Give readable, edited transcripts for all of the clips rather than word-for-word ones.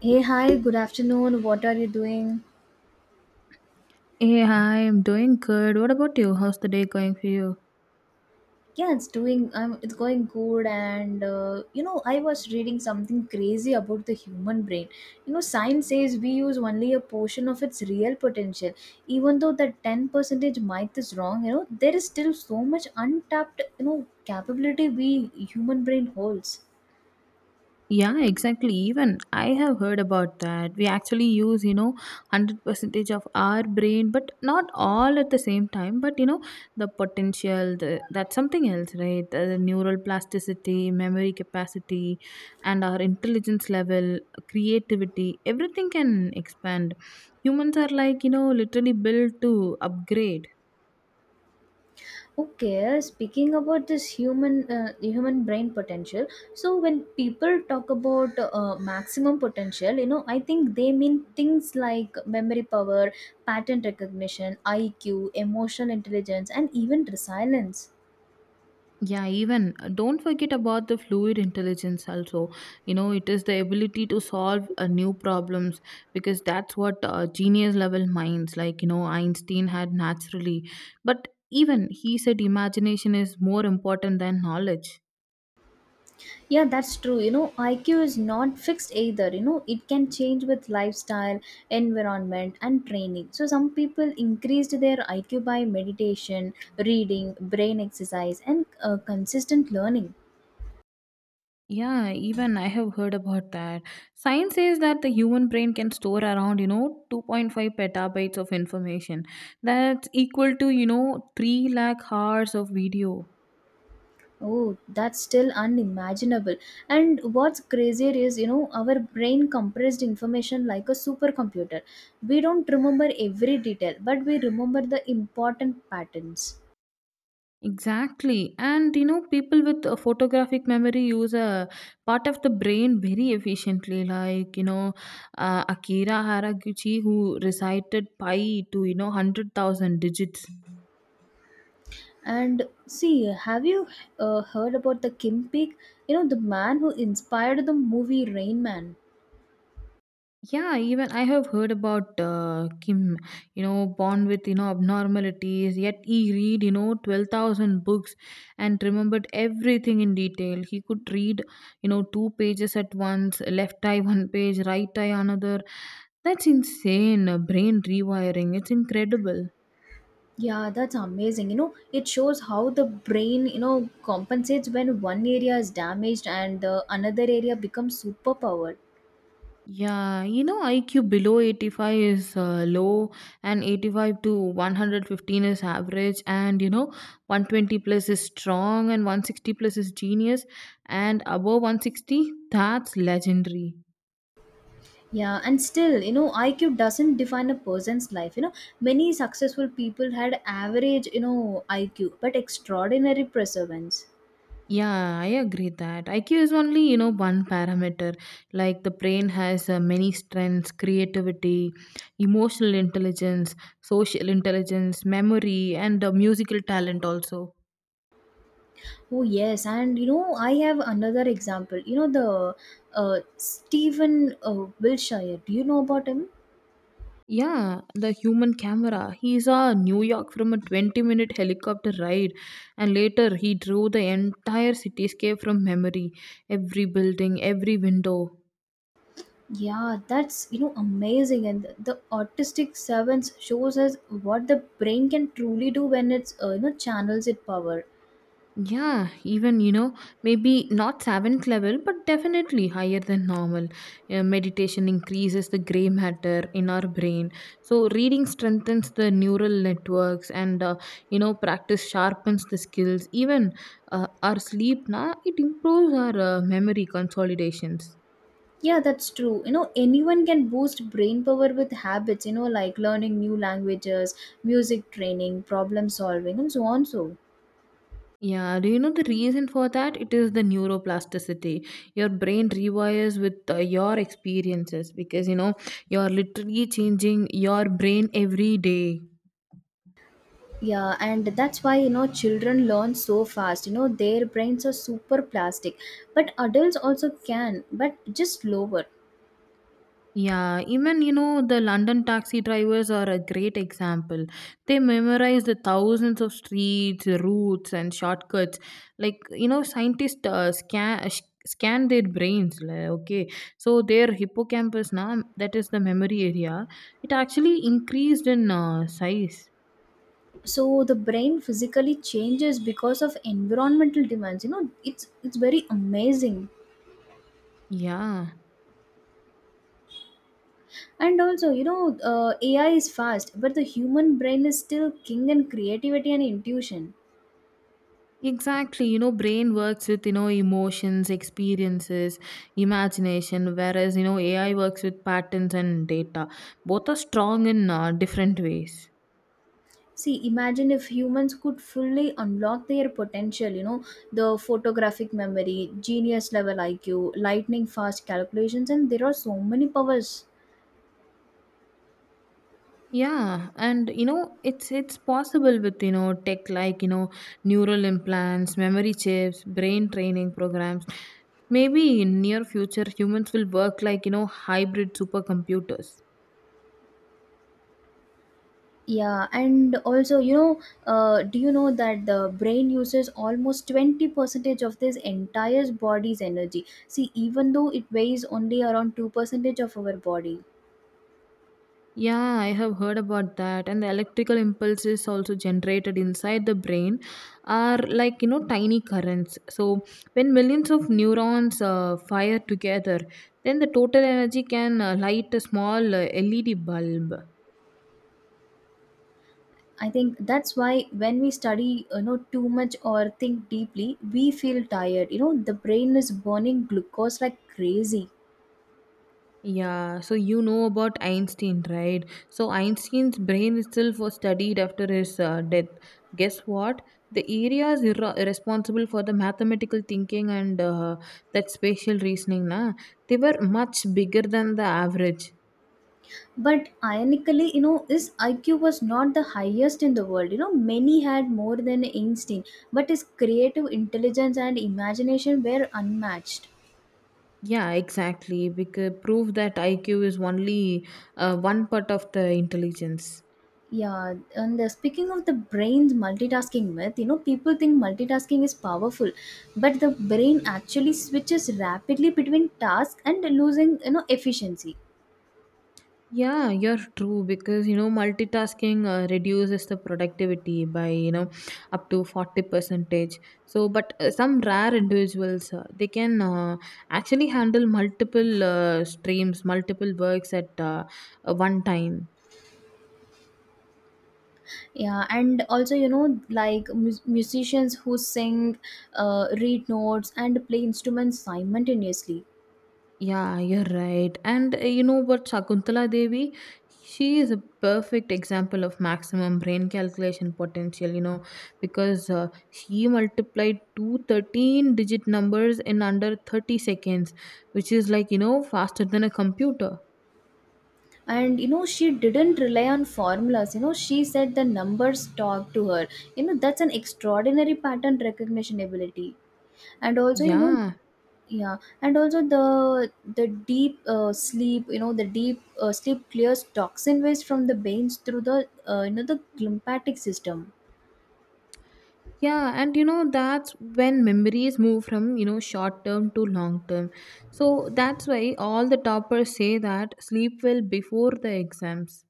Hey, hi, good afternoon. What are you doing? Hey, hi, I'm doing good. What about you? How's the day going for you? Yeah, it's going good. And I was reading something crazy about the human brain. Science says we use only a portion of its real potential. Even though that 10 percentage might is wrong, there is still so much untapped, capability we human brain holds. Yeah, exactly. Even I have heard about that. We actually use, 100 percentage of our brain, but not all at the same time. But, the potential, the, that's something else, right? The neural plasticity, memory capacity, and our intelligence level, creativity, everything can expand. Humans are like, you know, literally built to upgrade. Okay, speaking about this human brain potential, so when people talk about maximum potential, I think they mean things like memory power, pattern recognition, IQ, emotional intelligence, and even resilience. Yeah, even don't forget about the fluid intelligence also. You know, it is the ability to solve new problems because that's what genius level minds like, you know, Einstein had naturally. But even he said imagination is more important than knowledge. Yeah, that's true. IQ is not fixed either. It can change with lifestyle, environment, and training. So some people increased their IQ by meditation, reading, brain exercise, and consistent learning. Yeah, even I have heard about that. Science says that the human brain can store around, you know, 2.5 petabytes of information. That's equal to, you know, 3 lakh hours of video. Oh, that's still unimaginable. And what's crazier is, our brain compressed information like a supercomputer. We don't remember every detail, but we remember the important patterns. Exactly. And you know, people with a photographic memory use a part of the brain very efficiently. Like, Akira Haraguchi, who recited pi to, you know, 100,000 digits. And see, have you heard about the Kim Peek? The man who inspired the movie Rain Man. Yeah, even I have heard about Kim, you know, born with, you know, abnormalities, yet he read, you know, 12,000 books and remembered everything in detail. He could read, you know, two pages at once, left eye one page, right eye another. That's insane. Brain rewiring. It's incredible. Yeah, that's amazing. It shows how the brain, compensates when one area is damaged and another area becomes superpower. Yeah, you know, IQ below 85 is low, and 85 to 115 is average, and you know, 120 plus is strong, and 160 plus is genius, and above 160, that's legendary. Yeah, and still, IQ doesn't define a person's life. Many successful people had average, IQ, but extraordinary perseverance. Yeah, I agree that IQ is only, you know, one parameter. Like the brain has many strengths: creativity, emotional intelligence, social intelligence, memory, and musical talent also. Oh, yes. And I have another example. The Stephen Wilshire. Do you know about him? Yeah, the human camera. He saw New York from a 20-minute helicopter ride, and later he drew the entire cityscape from memory, every building, every window. Yeah, that's, amazing. And the autistic savants shows us what the brain can truly do when it's, channels its power. Yeah, even you know, maybe not seventh level, but definitely higher than normal. Meditation increases the gray matter in our brain, so reading strengthens the neural networks, and you know, practice sharpens the skills. Even our sleep, na, it improves our memory consolidations. Yeah, that's true. Anyone can boost brain power with habits, like learning new languages, music training, problem solving, and so on. So, Yeah, do you know the reason for that? It is the neuroplasticity. Your brain rewires with your experiences because you know you're literally changing your brain every day. yeah, and that's why, children learn so fast. Their brains are super plastic, but adults also can, but just slower. Yeah, even you know, the London taxi drivers are a great example. They memorize the thousands of streets, routes, and shortcuts. Like, you know, scientists scan their brains. Like, okay, so their hippocampus, now that is the memory area, it actually increased in size. So, the brain physically changes because of environmental demands. It's very amazing. Yeah. And also, AI is fast, but the human brain is still king in creativity and intuition. Exactly, you know, brain works with you know emotions, experiences, imagination, whereas you know AI works with patterns and data. Both are strong in different ways. See, imagine if humans could fully unlock their potential, the photographic memory, genius level IQ, lightning fast calculations, and there are so many powers. Yeah, and you know it's possible with you know tech like you know neural implants, memory chips, brain training programs. Maybe in near future humans will work like you know hybrid supercomputers. Yeah, and also, do you know that the brain uses almost 20 percentage of this entire body's energy? See, even though it weighs only around 2 percentage of our body. Yeah, I have heard about that. And the electrical impulses also generated inside the brain are like, you know, tiny currents. So when millions of neurons fire together, then the total energy can light a small LED bulb. I think that's why when we study, too much or think deeply, we feel tired. The brain is burning glucose like crazy. Yeah, so you know about Einstein, right? So Einstein's brain itself was studied after his death. Guess what? The areas responsible for the mathematical thinking and that spatial reasoning, na, they were much bigger than the average. But ironically, his IQ was not the highest in the world. Many had more than Einstein, but his creative intelligence and imagination were unmatched. Yeah, exactly. We could prove that IQ is only one part of the intelligence. Yeah, and speaking of the brain's multitasking myth, people think multitasking is powerful, but the brain actually switches rapidly between tasks and losing, efficiency. Yeah, you're true because you know multitasking reduces the productivity by you know up to 40 percentage. So, but some rare individuals they can actually handle multiple streams, multiple works at one time. Yeah, and also, like musicians who sing, read notes, and play instruments simultaneously. Yeah, you're right. And you know what, Shakuntala Devi, she is a perfect example of maximum brain calculation potential, you know, because she multiplied two 13 digit numbers in under 30 seconds, which is like, you know, faster than a computer. And she didn't rely on formulas, she said the numbers talk to her. That's an extraordinary pattern recognition ability, and also, Yeah. Yeah, and also the deep sleep clears toxin waste from the veins through the the lymphatic system. Yeah, and you know that's when memories move from, you know, short term to long term. So that's why all the toppers say that sleep well before the exams.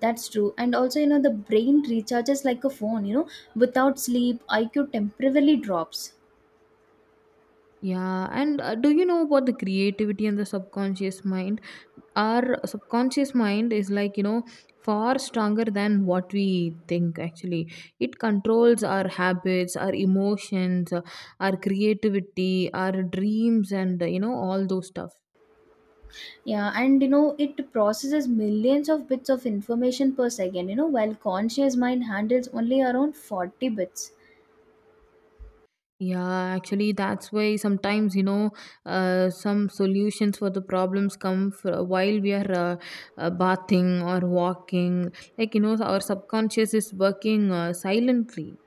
That's true, and also the brain recharges like a phone. Without sleep, IQ temporarily drops. Yeah, and do you know about the creativity and the subconscious mind? Our subconscious mind is like, you know, far stronger than what we think actually. It controls our habits, our emotions, our creativity, our dreams, and, you know, all those stuff. Yeah, and it processes millions of bits of information per second. While conscious mind handles only around 40 bits. Yeah, actually, that's why sometimes, some solutions for the problems come while we are bathing or walking. Like, you know, our subconscious is working silently.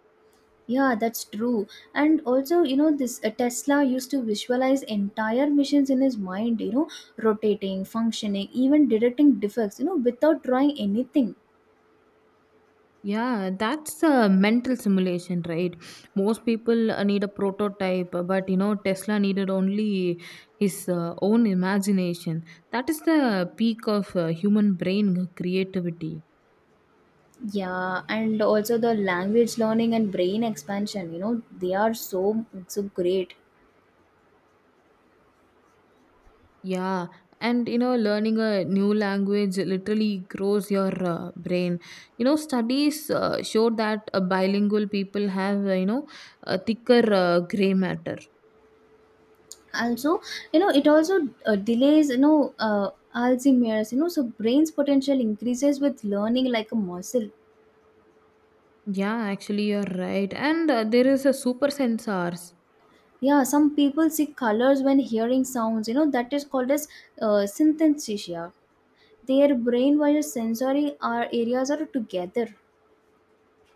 Yeah, that's true. And also, this Tesla used to visualize entire missions in his mind, rotating, functioning, even detecting defects, without drawing anything. Yeah, that's a mental simulation, right? Most people need a prototype, but, you know, Tesla needed only his own imagination. That is the peak of human brain creativity. Yeah, and also the language learning and brain expansion, they are so great. Yeah, and you know, learning a new language literally grows your brain. You know, studies show that bilingual people have, you know, a thicker gray matter. Also, it also delays, Alzheimer's, so brain's potential increases with learning like a muscle. Yeah, actually, you're right. And there is a super sensors. Yeah, some people see colors when hearing sounds. That is called as synesthesia. Their brain wires sensory are areas are together.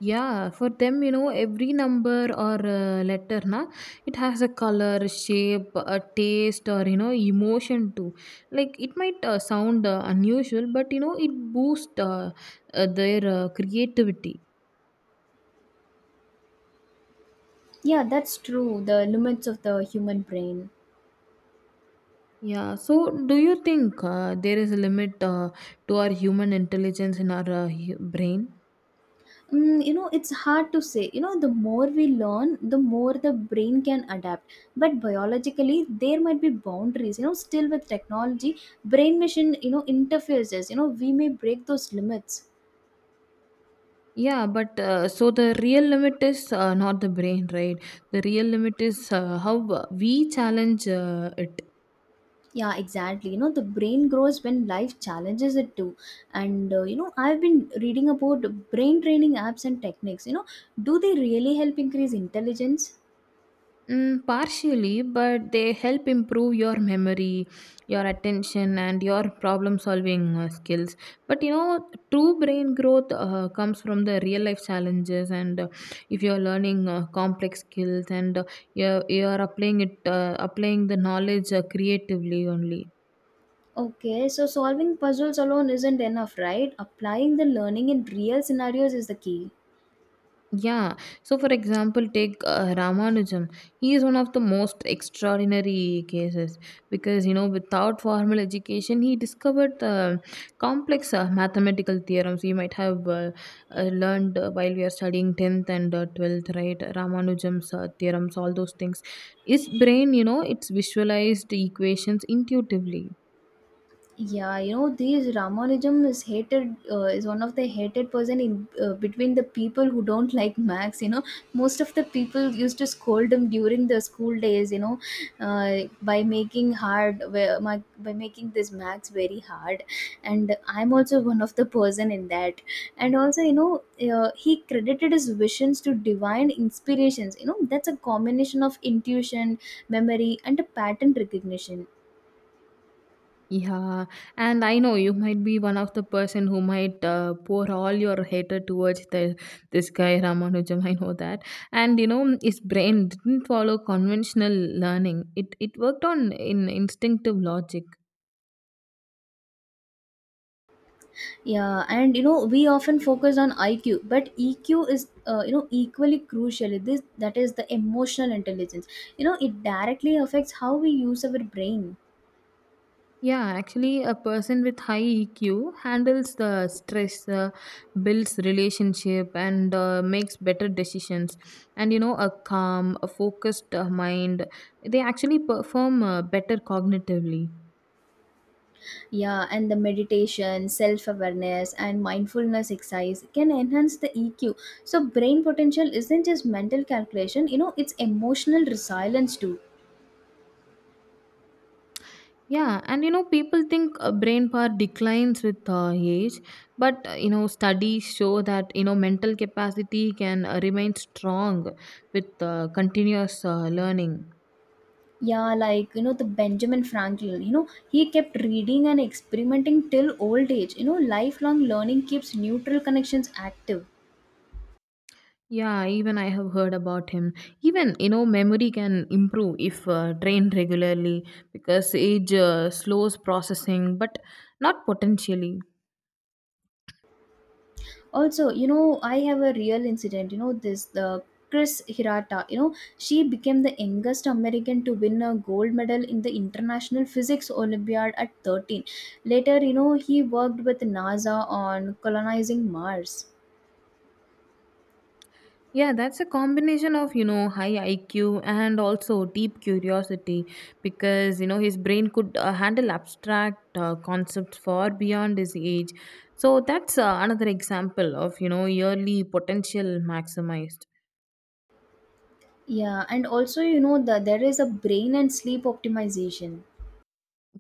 Yeah, for them, you know, every number or letter, na, it has a color, shape, a taste, or you know, emotion too. Like it might sound unusual, but you know, it boosts their creativity. Yeah, that's true. The limits of the human brain. Yeah. So, do you think there is a limit to our human intelligence in our brain? Mm, it's hard to say. The more we learn, the more the brain can adapt. But biologically, there might be boundaries. Still with technology, brain machine. Interfaces. We may break those limits. Yeah, but so the real limit is not the brain, right? The real limit is how we challenge it. Yeah, exactly. The brain grows when life challenges it too. And I've been reading about brain training apps and techniques. Do they really help increase intelligence? Mm, partially, but they help improve your memory, your attention, and your problem solving skills. But you know, true brain growth comes from the real life challenges, and if you're learning complex skills and you're applying applying the knowledge creatively only. Okay, so solving puzzles alone isn't enough, right? Applying the learning in real scenarios is the key. Yeah. So, for example, take Ramanujan. He is one of the most extraordinary cases because, you know, without formal education, he discovered the complex mathematical theorems we might have learned while we are studying 10th and 12th, right? Ramanujan's theorems, all those things. His brain, you know, it's visualized equations intuitively. Yeah, these Ramanujan is one of the hated person in between the people who don't like Max. Most of the people used to scold him during the school days. By making hard, by making this Max very hard, and I'm also one of the person in that. And also, he credited his visions to divine inspirations. That's a combination of intuition, memory, and a pattern recognition. Yeah, and I know you might be one of the person who might pour all your hatred towards this guy Ramanujam. I know that, and you know his brain didn't follow conventional learning. It worked on in instinctive logic. Yeah, and we often focus on IQ, but EQ is equally crucial. This that is the emotional intelligence. It directly affects how we use our brain. Yeah, actually, a person with high EQ handles the stress, builds relationship, and makes better decisions. And you know, a calm, a focused mind, they actually perform better cognitively. Yeah, and the meditation, self awareness, and mindfulness exercise can enhance the EQ. So brain potential isn't just mental calculation. It's emotional resilience too. Yeah, and you know, people think brain power declines with age, but you know, studies show that you know mental capacity can remain strong with continuous learning. Yeah, like the Benjamin Franklin, he kept reading and experimenting till old age. Lifelong learning keeps neutral connections active. Yeah, even I have heard about him. Even you know, memory can improve if trained regularly because age slows processing, but not potentially. Also, I have a real incident, this the Chris Hirata, she became the youngest American to win a gold medal in the International Physics Olympiad at 13. Later, he worked with NASA on colonizing Mars. Yeah, that's a combination of, you know, high IQ and also deep curiosity because, you know, his brain could handle abstract concepts far beyond his age. So that's another example of, you know, yearly potential maximized. Yeah, and also, there is a brain and sleep optimization.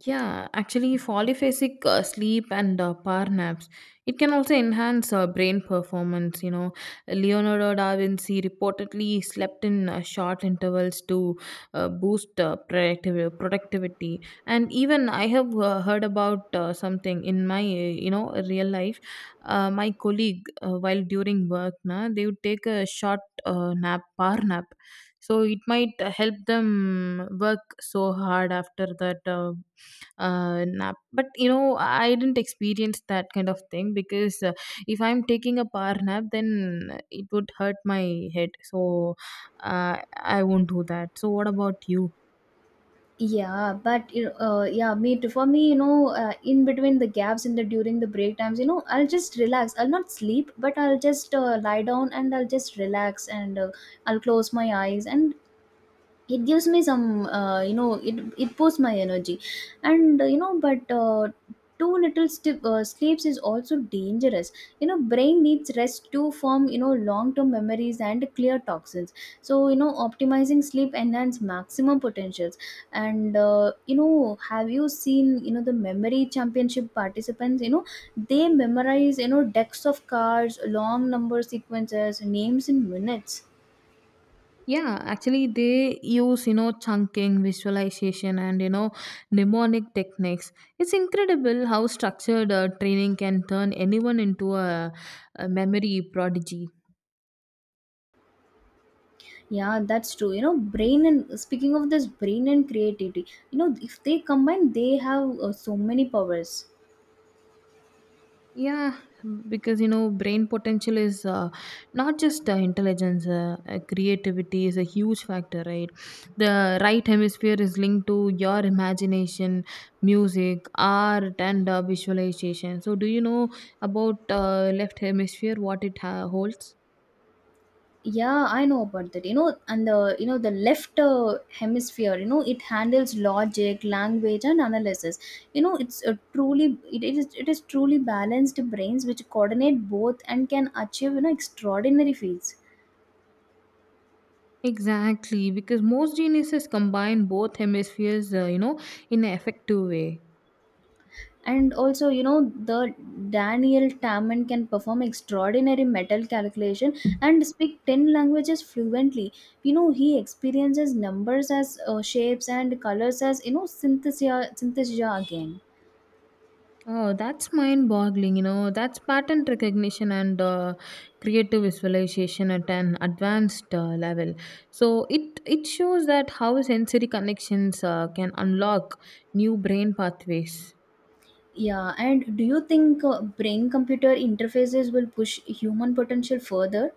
Yeah, actually, polyphasic sleep and power naps, it can also enhance brain performance. You know, Leonardo da Vinci reportedly slept in short intervals to boost productivity. And even I have heard about something in my you know real life. My colleague, while during work, na, they would take a short nap, power nap, so it might help them work so hard after that nap. But you know, I didn't experience that kind of thing because if I'm taking a power nap, then it would hurt my head. So I won't do that. So what about you? Yeah, but you know, yeah, me too. For me, in between the gaps in the during the break times, I'll just relax. I'll not sleep, but I'll just lie down and I'll just relax, and I'll close my eyes and it gives me some you know it it boosts my energy and but too little sleeps is also dangerous. Brain needs rest to form long term memories and clear toxins. So optimizing sleep enhance maximum potentials. And have you seen the memory championship participants? They memorize decks of cards, long number sequences, names in minutes. Yeah, actually, they use, you know, chunking, visualization, and, you know, mnemonic techniques. It's incredible how structured training can turn anyone into a memory prodigy. Yeah, that's true. Brain, and speaking of this brain and creativity, if they combine, they have so many powers. Yeah, because you know, brain potential is not just intelligence, creativity is a huge factor, right? The right hemisphere is linked to your imagination, music, art, and visualization. So, do you know about left hemisphere, what it holds? Yeah, I know about that. And the left hemisphere, it handles logic, language, and analysis. It's a truly it, it is truly balanced brains which coordinate both and can achieve extraordinary feats. Exactly, because most geniuses combine both hemispheres, you know, in an effective way. And also the Daniel Tamman can perform extraordinary metal calculation and speak 10 languages fluently. He experiences numbers as shapes and colors as synthesia again. Oh, that's mind boggling. You know, that's pattern recognition and creative visualization at an advanced level. So it shows that how sensory connections can unlock new brain pathways. Yeah, and do you think brain computer interfaces will push human potential further?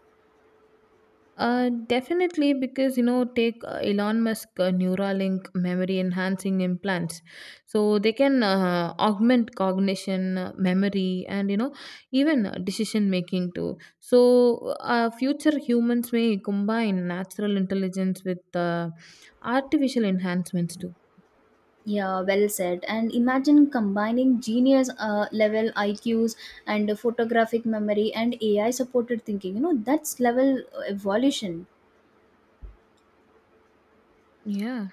Definitely, because you know, take Elon Musk Neuralink memory enhancing implants, so they can augment cognition, memory, and you know, even decision making too. So, future humans may combine natural intelligence with artificial enhancements too. Yeah, well said. And imagine combining genius level IQs and photographic memory and AI supported thinking. That's level evolution. Yeah.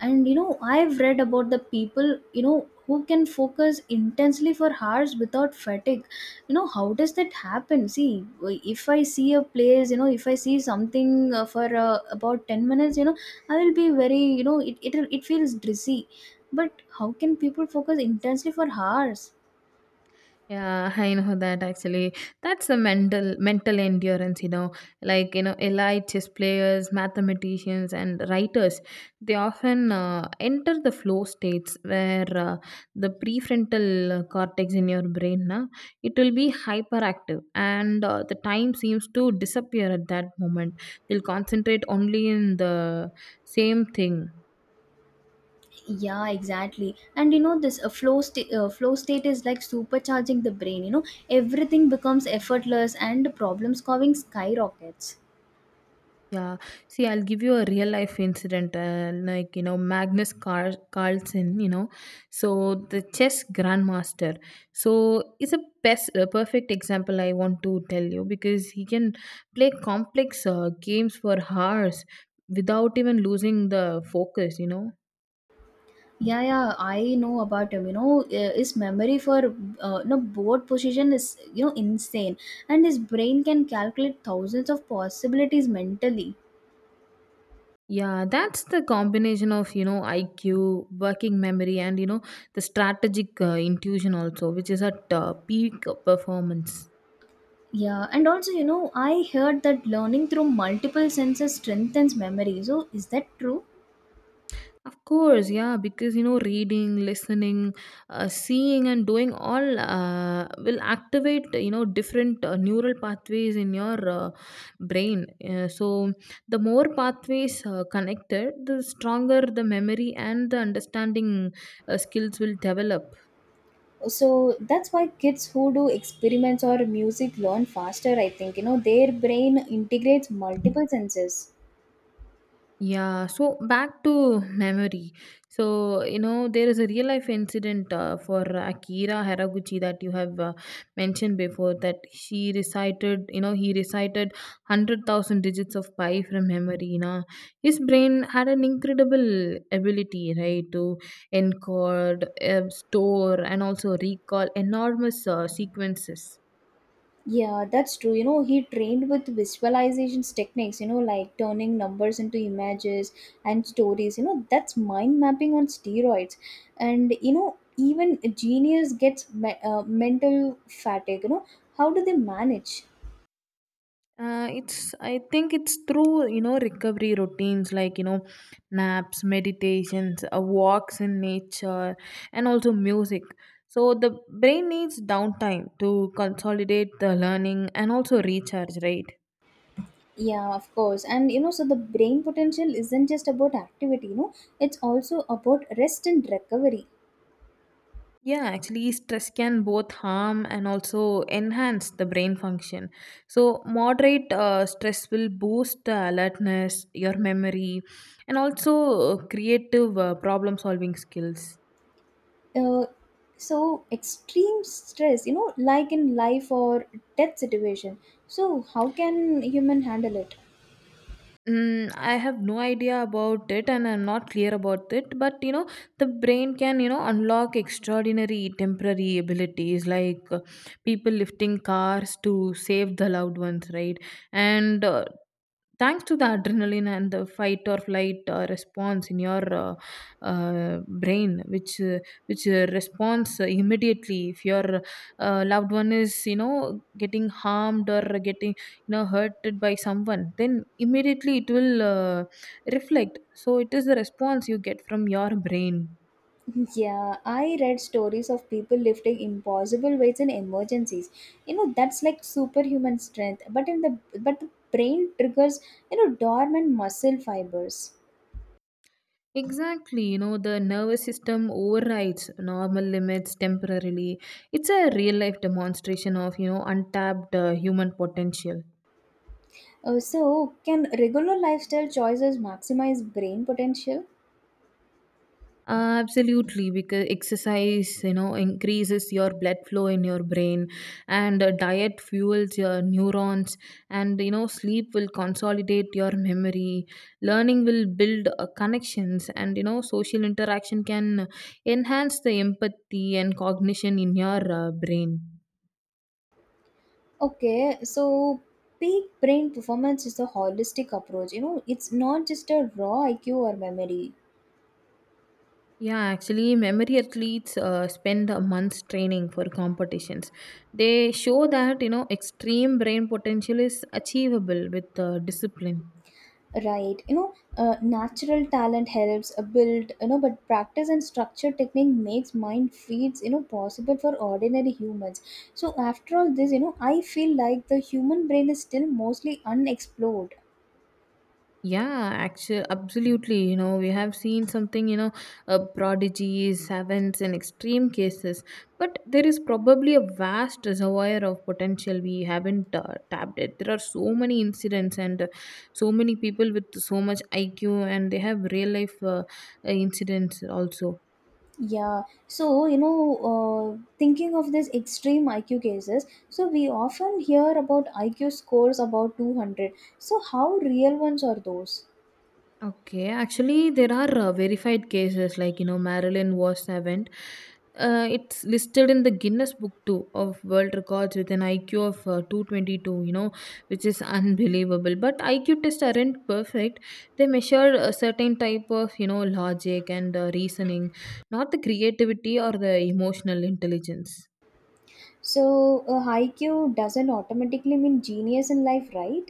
And I've read about the people, who can focus intensely for hours without fatigue. How does that happen? See, if I see a place, if I see something for about 10 minutes, I will be very, it feels dizzy. But how can people focus intensely for hours? Yeah, I know that actually. That's a mental endurance, you know. Like, elite chess players, mathematicians and writers, they often enter the flow states where the prefrontal cortex in your brain, it will be hyperactive and the time seems to disappear at that moment. They'll concentrate only in the same thing. Yeah, exactly. And this flow state is like supercharging the brain. Everything becomes effortless and problem solving skyrockets. Yeah, see, I'll give you a real life incident, like you know Carlsen, you know, so the chess grandmaster. So it's a perfect example I want to tell you because he can play complex games for hours without even losing the focus. You know, Yeah, yeah, I know about him. His memory for board position is insane, and his brain can calculate thousands of possibilities mentally. yeah, that's the combination of you know IQ, working memory, and you know the strategic intuition also, which is at peak performance. Yeah, and also I heard that learning through multiple senses strengthens memory. So is that true? Of course, yeah, because you know, reading, listening, seeing, and doing all will activate you know different neural pathways in your brain. So, the more pathways connected, the stronger the memory and the understanding skills will develop. So that's why kids who do experiments or music learn faster. I think their brain integrates multiple senses. Yeah, so back to memory. So, you know, there is a real life incident for Akira Haraguchi that you have mentioned before that she recited, you know, he recited 100,000 digits of pi from memory. You know, his brain had an incredible ability, right, to encode, store, and also recall enormous sequences. Yeah, that's true. He trained with visualizations techniques, like turning numbers into images and stories. That's mind mapping on steroids. And even a genius gets mental fatigue. How do they manage? It's I think it's through you know recovery routines like you know naps, meditations, walks in nature, and also music. So the brain needs downtime to consolidate the learning and also recharge, right? Yeah, of course. And so the brain potential isn't just about activity, it's also about rest and recovery. Yeah, actually, stress can both harm and also enhance the brain function. So, moderate stress will boost the alertness, your memory, and also creative problem solving skills. Uh, so extreme stress, like in life or death situation. So how can human handle it? Mm, I have no idea about it and I'm not clear about it. But you know, the brain can, you know, unlock extraordinary temporary abilities like people lifting cars to save the loved ones, right? And thanks to the adrenaline and the fight or flight response in your brain, which responds immediately if your loved one is, you know, getting harmed or getting you know hurted by someone, then immediately it will reflect. So it is the response you get from your brain. Yeah, I read stories of people lifting impossible weights in emergencies. That's like superhuman strength. But in the but the brain triggers, dormant muscle fibers. Exactly, you know, the nervous system overrides normal limits temporarily. It's a real life demonstration of you know untapped human potential. So, can regular lifestyle choices maximize brain potential? Absolutely, because exercise, you know, increases your blood flow in your brain, and diet fuels your neurons, and you know, sleep will consolidate your memory. Learning will build connections, and you know, social interaction can enhance the empathy and cognition in your brain. Okay, so peak brain performance is a holistic approach. It's not just a raw IQ or memory, Yeah, actually, memory athletes spend a month's training for competitions. They show that you know extreme brain potential is achievable with discipline. right? Natural talent helps build, but practice and structure technique makes mind feeds, possible for ordinary humans. So, after all this, I feel like the human brain is still mostly unexplored. Yeah, actually, absolutely. You know, we have seen something. You know, prodigies, savants, and extreme cases. But there is probably a vast reservoir of potential we haven't tapped it. There are so many incidents and so many people with so much IQ, and they have real life incidents also. Yeah, so thinking of this extreme IQ cases, so we often hear about IQ scores about 200. So, how real ones are those? Okay, actually, there are verified cases like you know Marilyn was seventh. It's listed in the Guinness Book too of World Records with an IQ of 222. You know, which is unbelievable. But IQ tests aren't perfect. They measure a certain type of you know logic and reasoning, not the creativity or the emotional intelligence. So, a IQ doesn't automatically mean genius in life, right?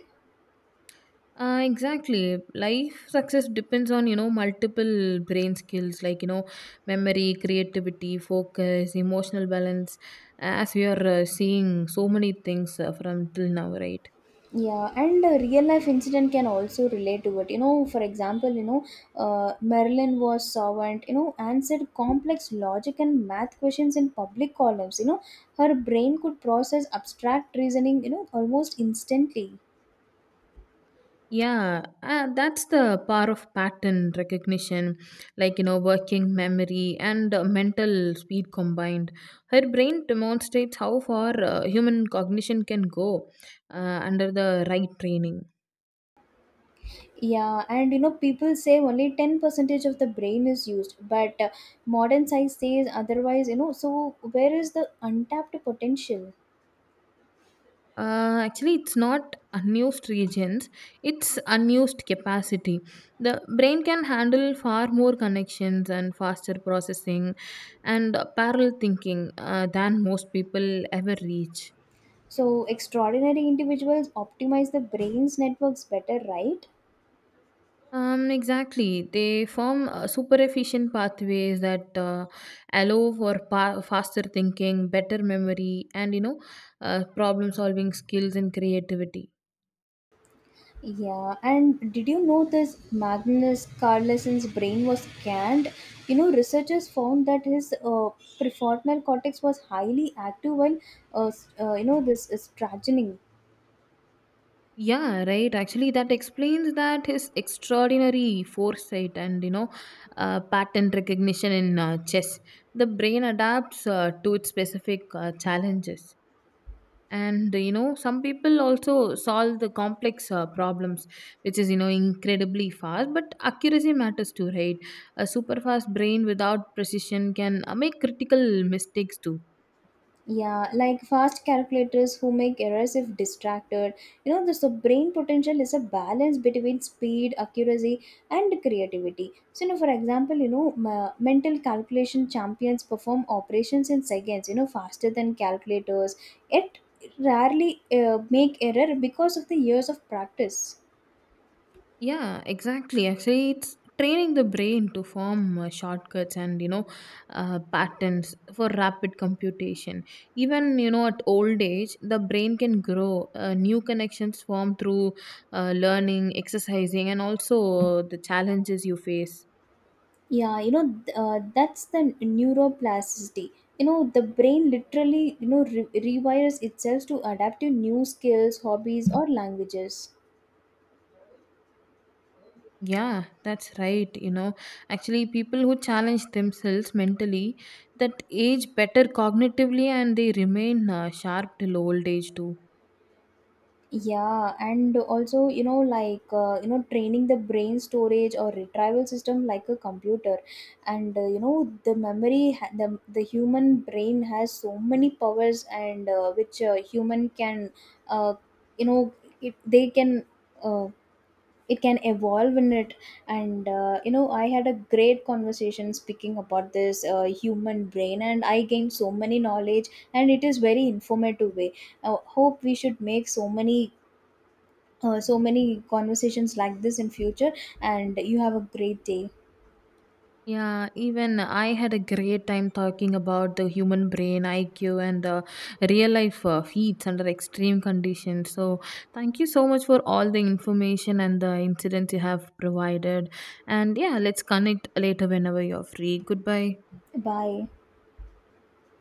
Exactly. Life success depends on, you know, multiple brain skills like, you know, memory, creativity, focus, emotional balance, as we are seeing so many things from till now, right? Yeah, and a real life incident can also relate to it. For example, Marilyn was servant, answered complex logic and math questions in public columns. Her brain could process abstract reasoning, almost instantly. Yeah, that's the power of pattern recognition, like, you know, working memory and mental speed combined. Her brain demonstrates how far human cognition can go uh, under the right training. Yeah, and people say only 10% of the brain is used, but modern science says otherwise, so where is the untapped potential? Actually, it's not unused regions, it's unused capacity. The brain can handle far more connections and faster processing and parallel thinking than most people ever reach. So, extraordinary individuals optimize the brain's networks better, right? Exactly. They form super efficient pathways that allow for faster thinking, better memory, and you know, problem solving skills and creativity. Yeah, and did you know this Magnus Carlsen's brain was scanned? Researchers found that his prefrontal cortex was highly active while, this is stratening. Yeah, right. Actually, that explains that his extraordinary foresight and you know, pattern recognition in chess. The brain adapts to its specific challenges, and you know, some people also solve the complex problems, which is you know incredibly fast. But accuracy matters too, right? A super fast brain without precision can make critical mistakes too. Yeah, like fast calculators who make errors if distracted. This the brain potential is a balance between speed, accuracy, and creativity. So, for example, mental calculation champions perform operations in seconds. Faster than calculators. Yet, rarely make error because of the years of practice. Yeah, exactly. Actually, it's training the brain to form shortcuts and you know patterns for rapid computation. Even you know at old age, the brain can grow. New connections form through learning, exercising, and also the challenges you face. Yeah, that's the neuroplasticity. The brain literally, rewires itself to adapt to new skills, hobbies, or languages. Yeah, that's right. You know, actually, people who challenge themselves mentally that age better cognitively, and they remain sharp till old age too. Yeah, and also, like, training the brain storage or retrieval system like a computer. And, the memory, the human brain has so many powers, and which human can, uh, you know, they can. um it can evolve in it. And I had a great conversation speaking about this human brain, and I gained so many knowledge and it is very informative way. I hope we should make so many so many conversations like this in future. And you have a great day. Yeah, even I had a great time talking about the human brain, IQ, and real life heats under extreme conditions. So, thank you so much for all the information and the incidents you have provided. And yeah, let's connect later whenever you're free. Goodbye. Bye.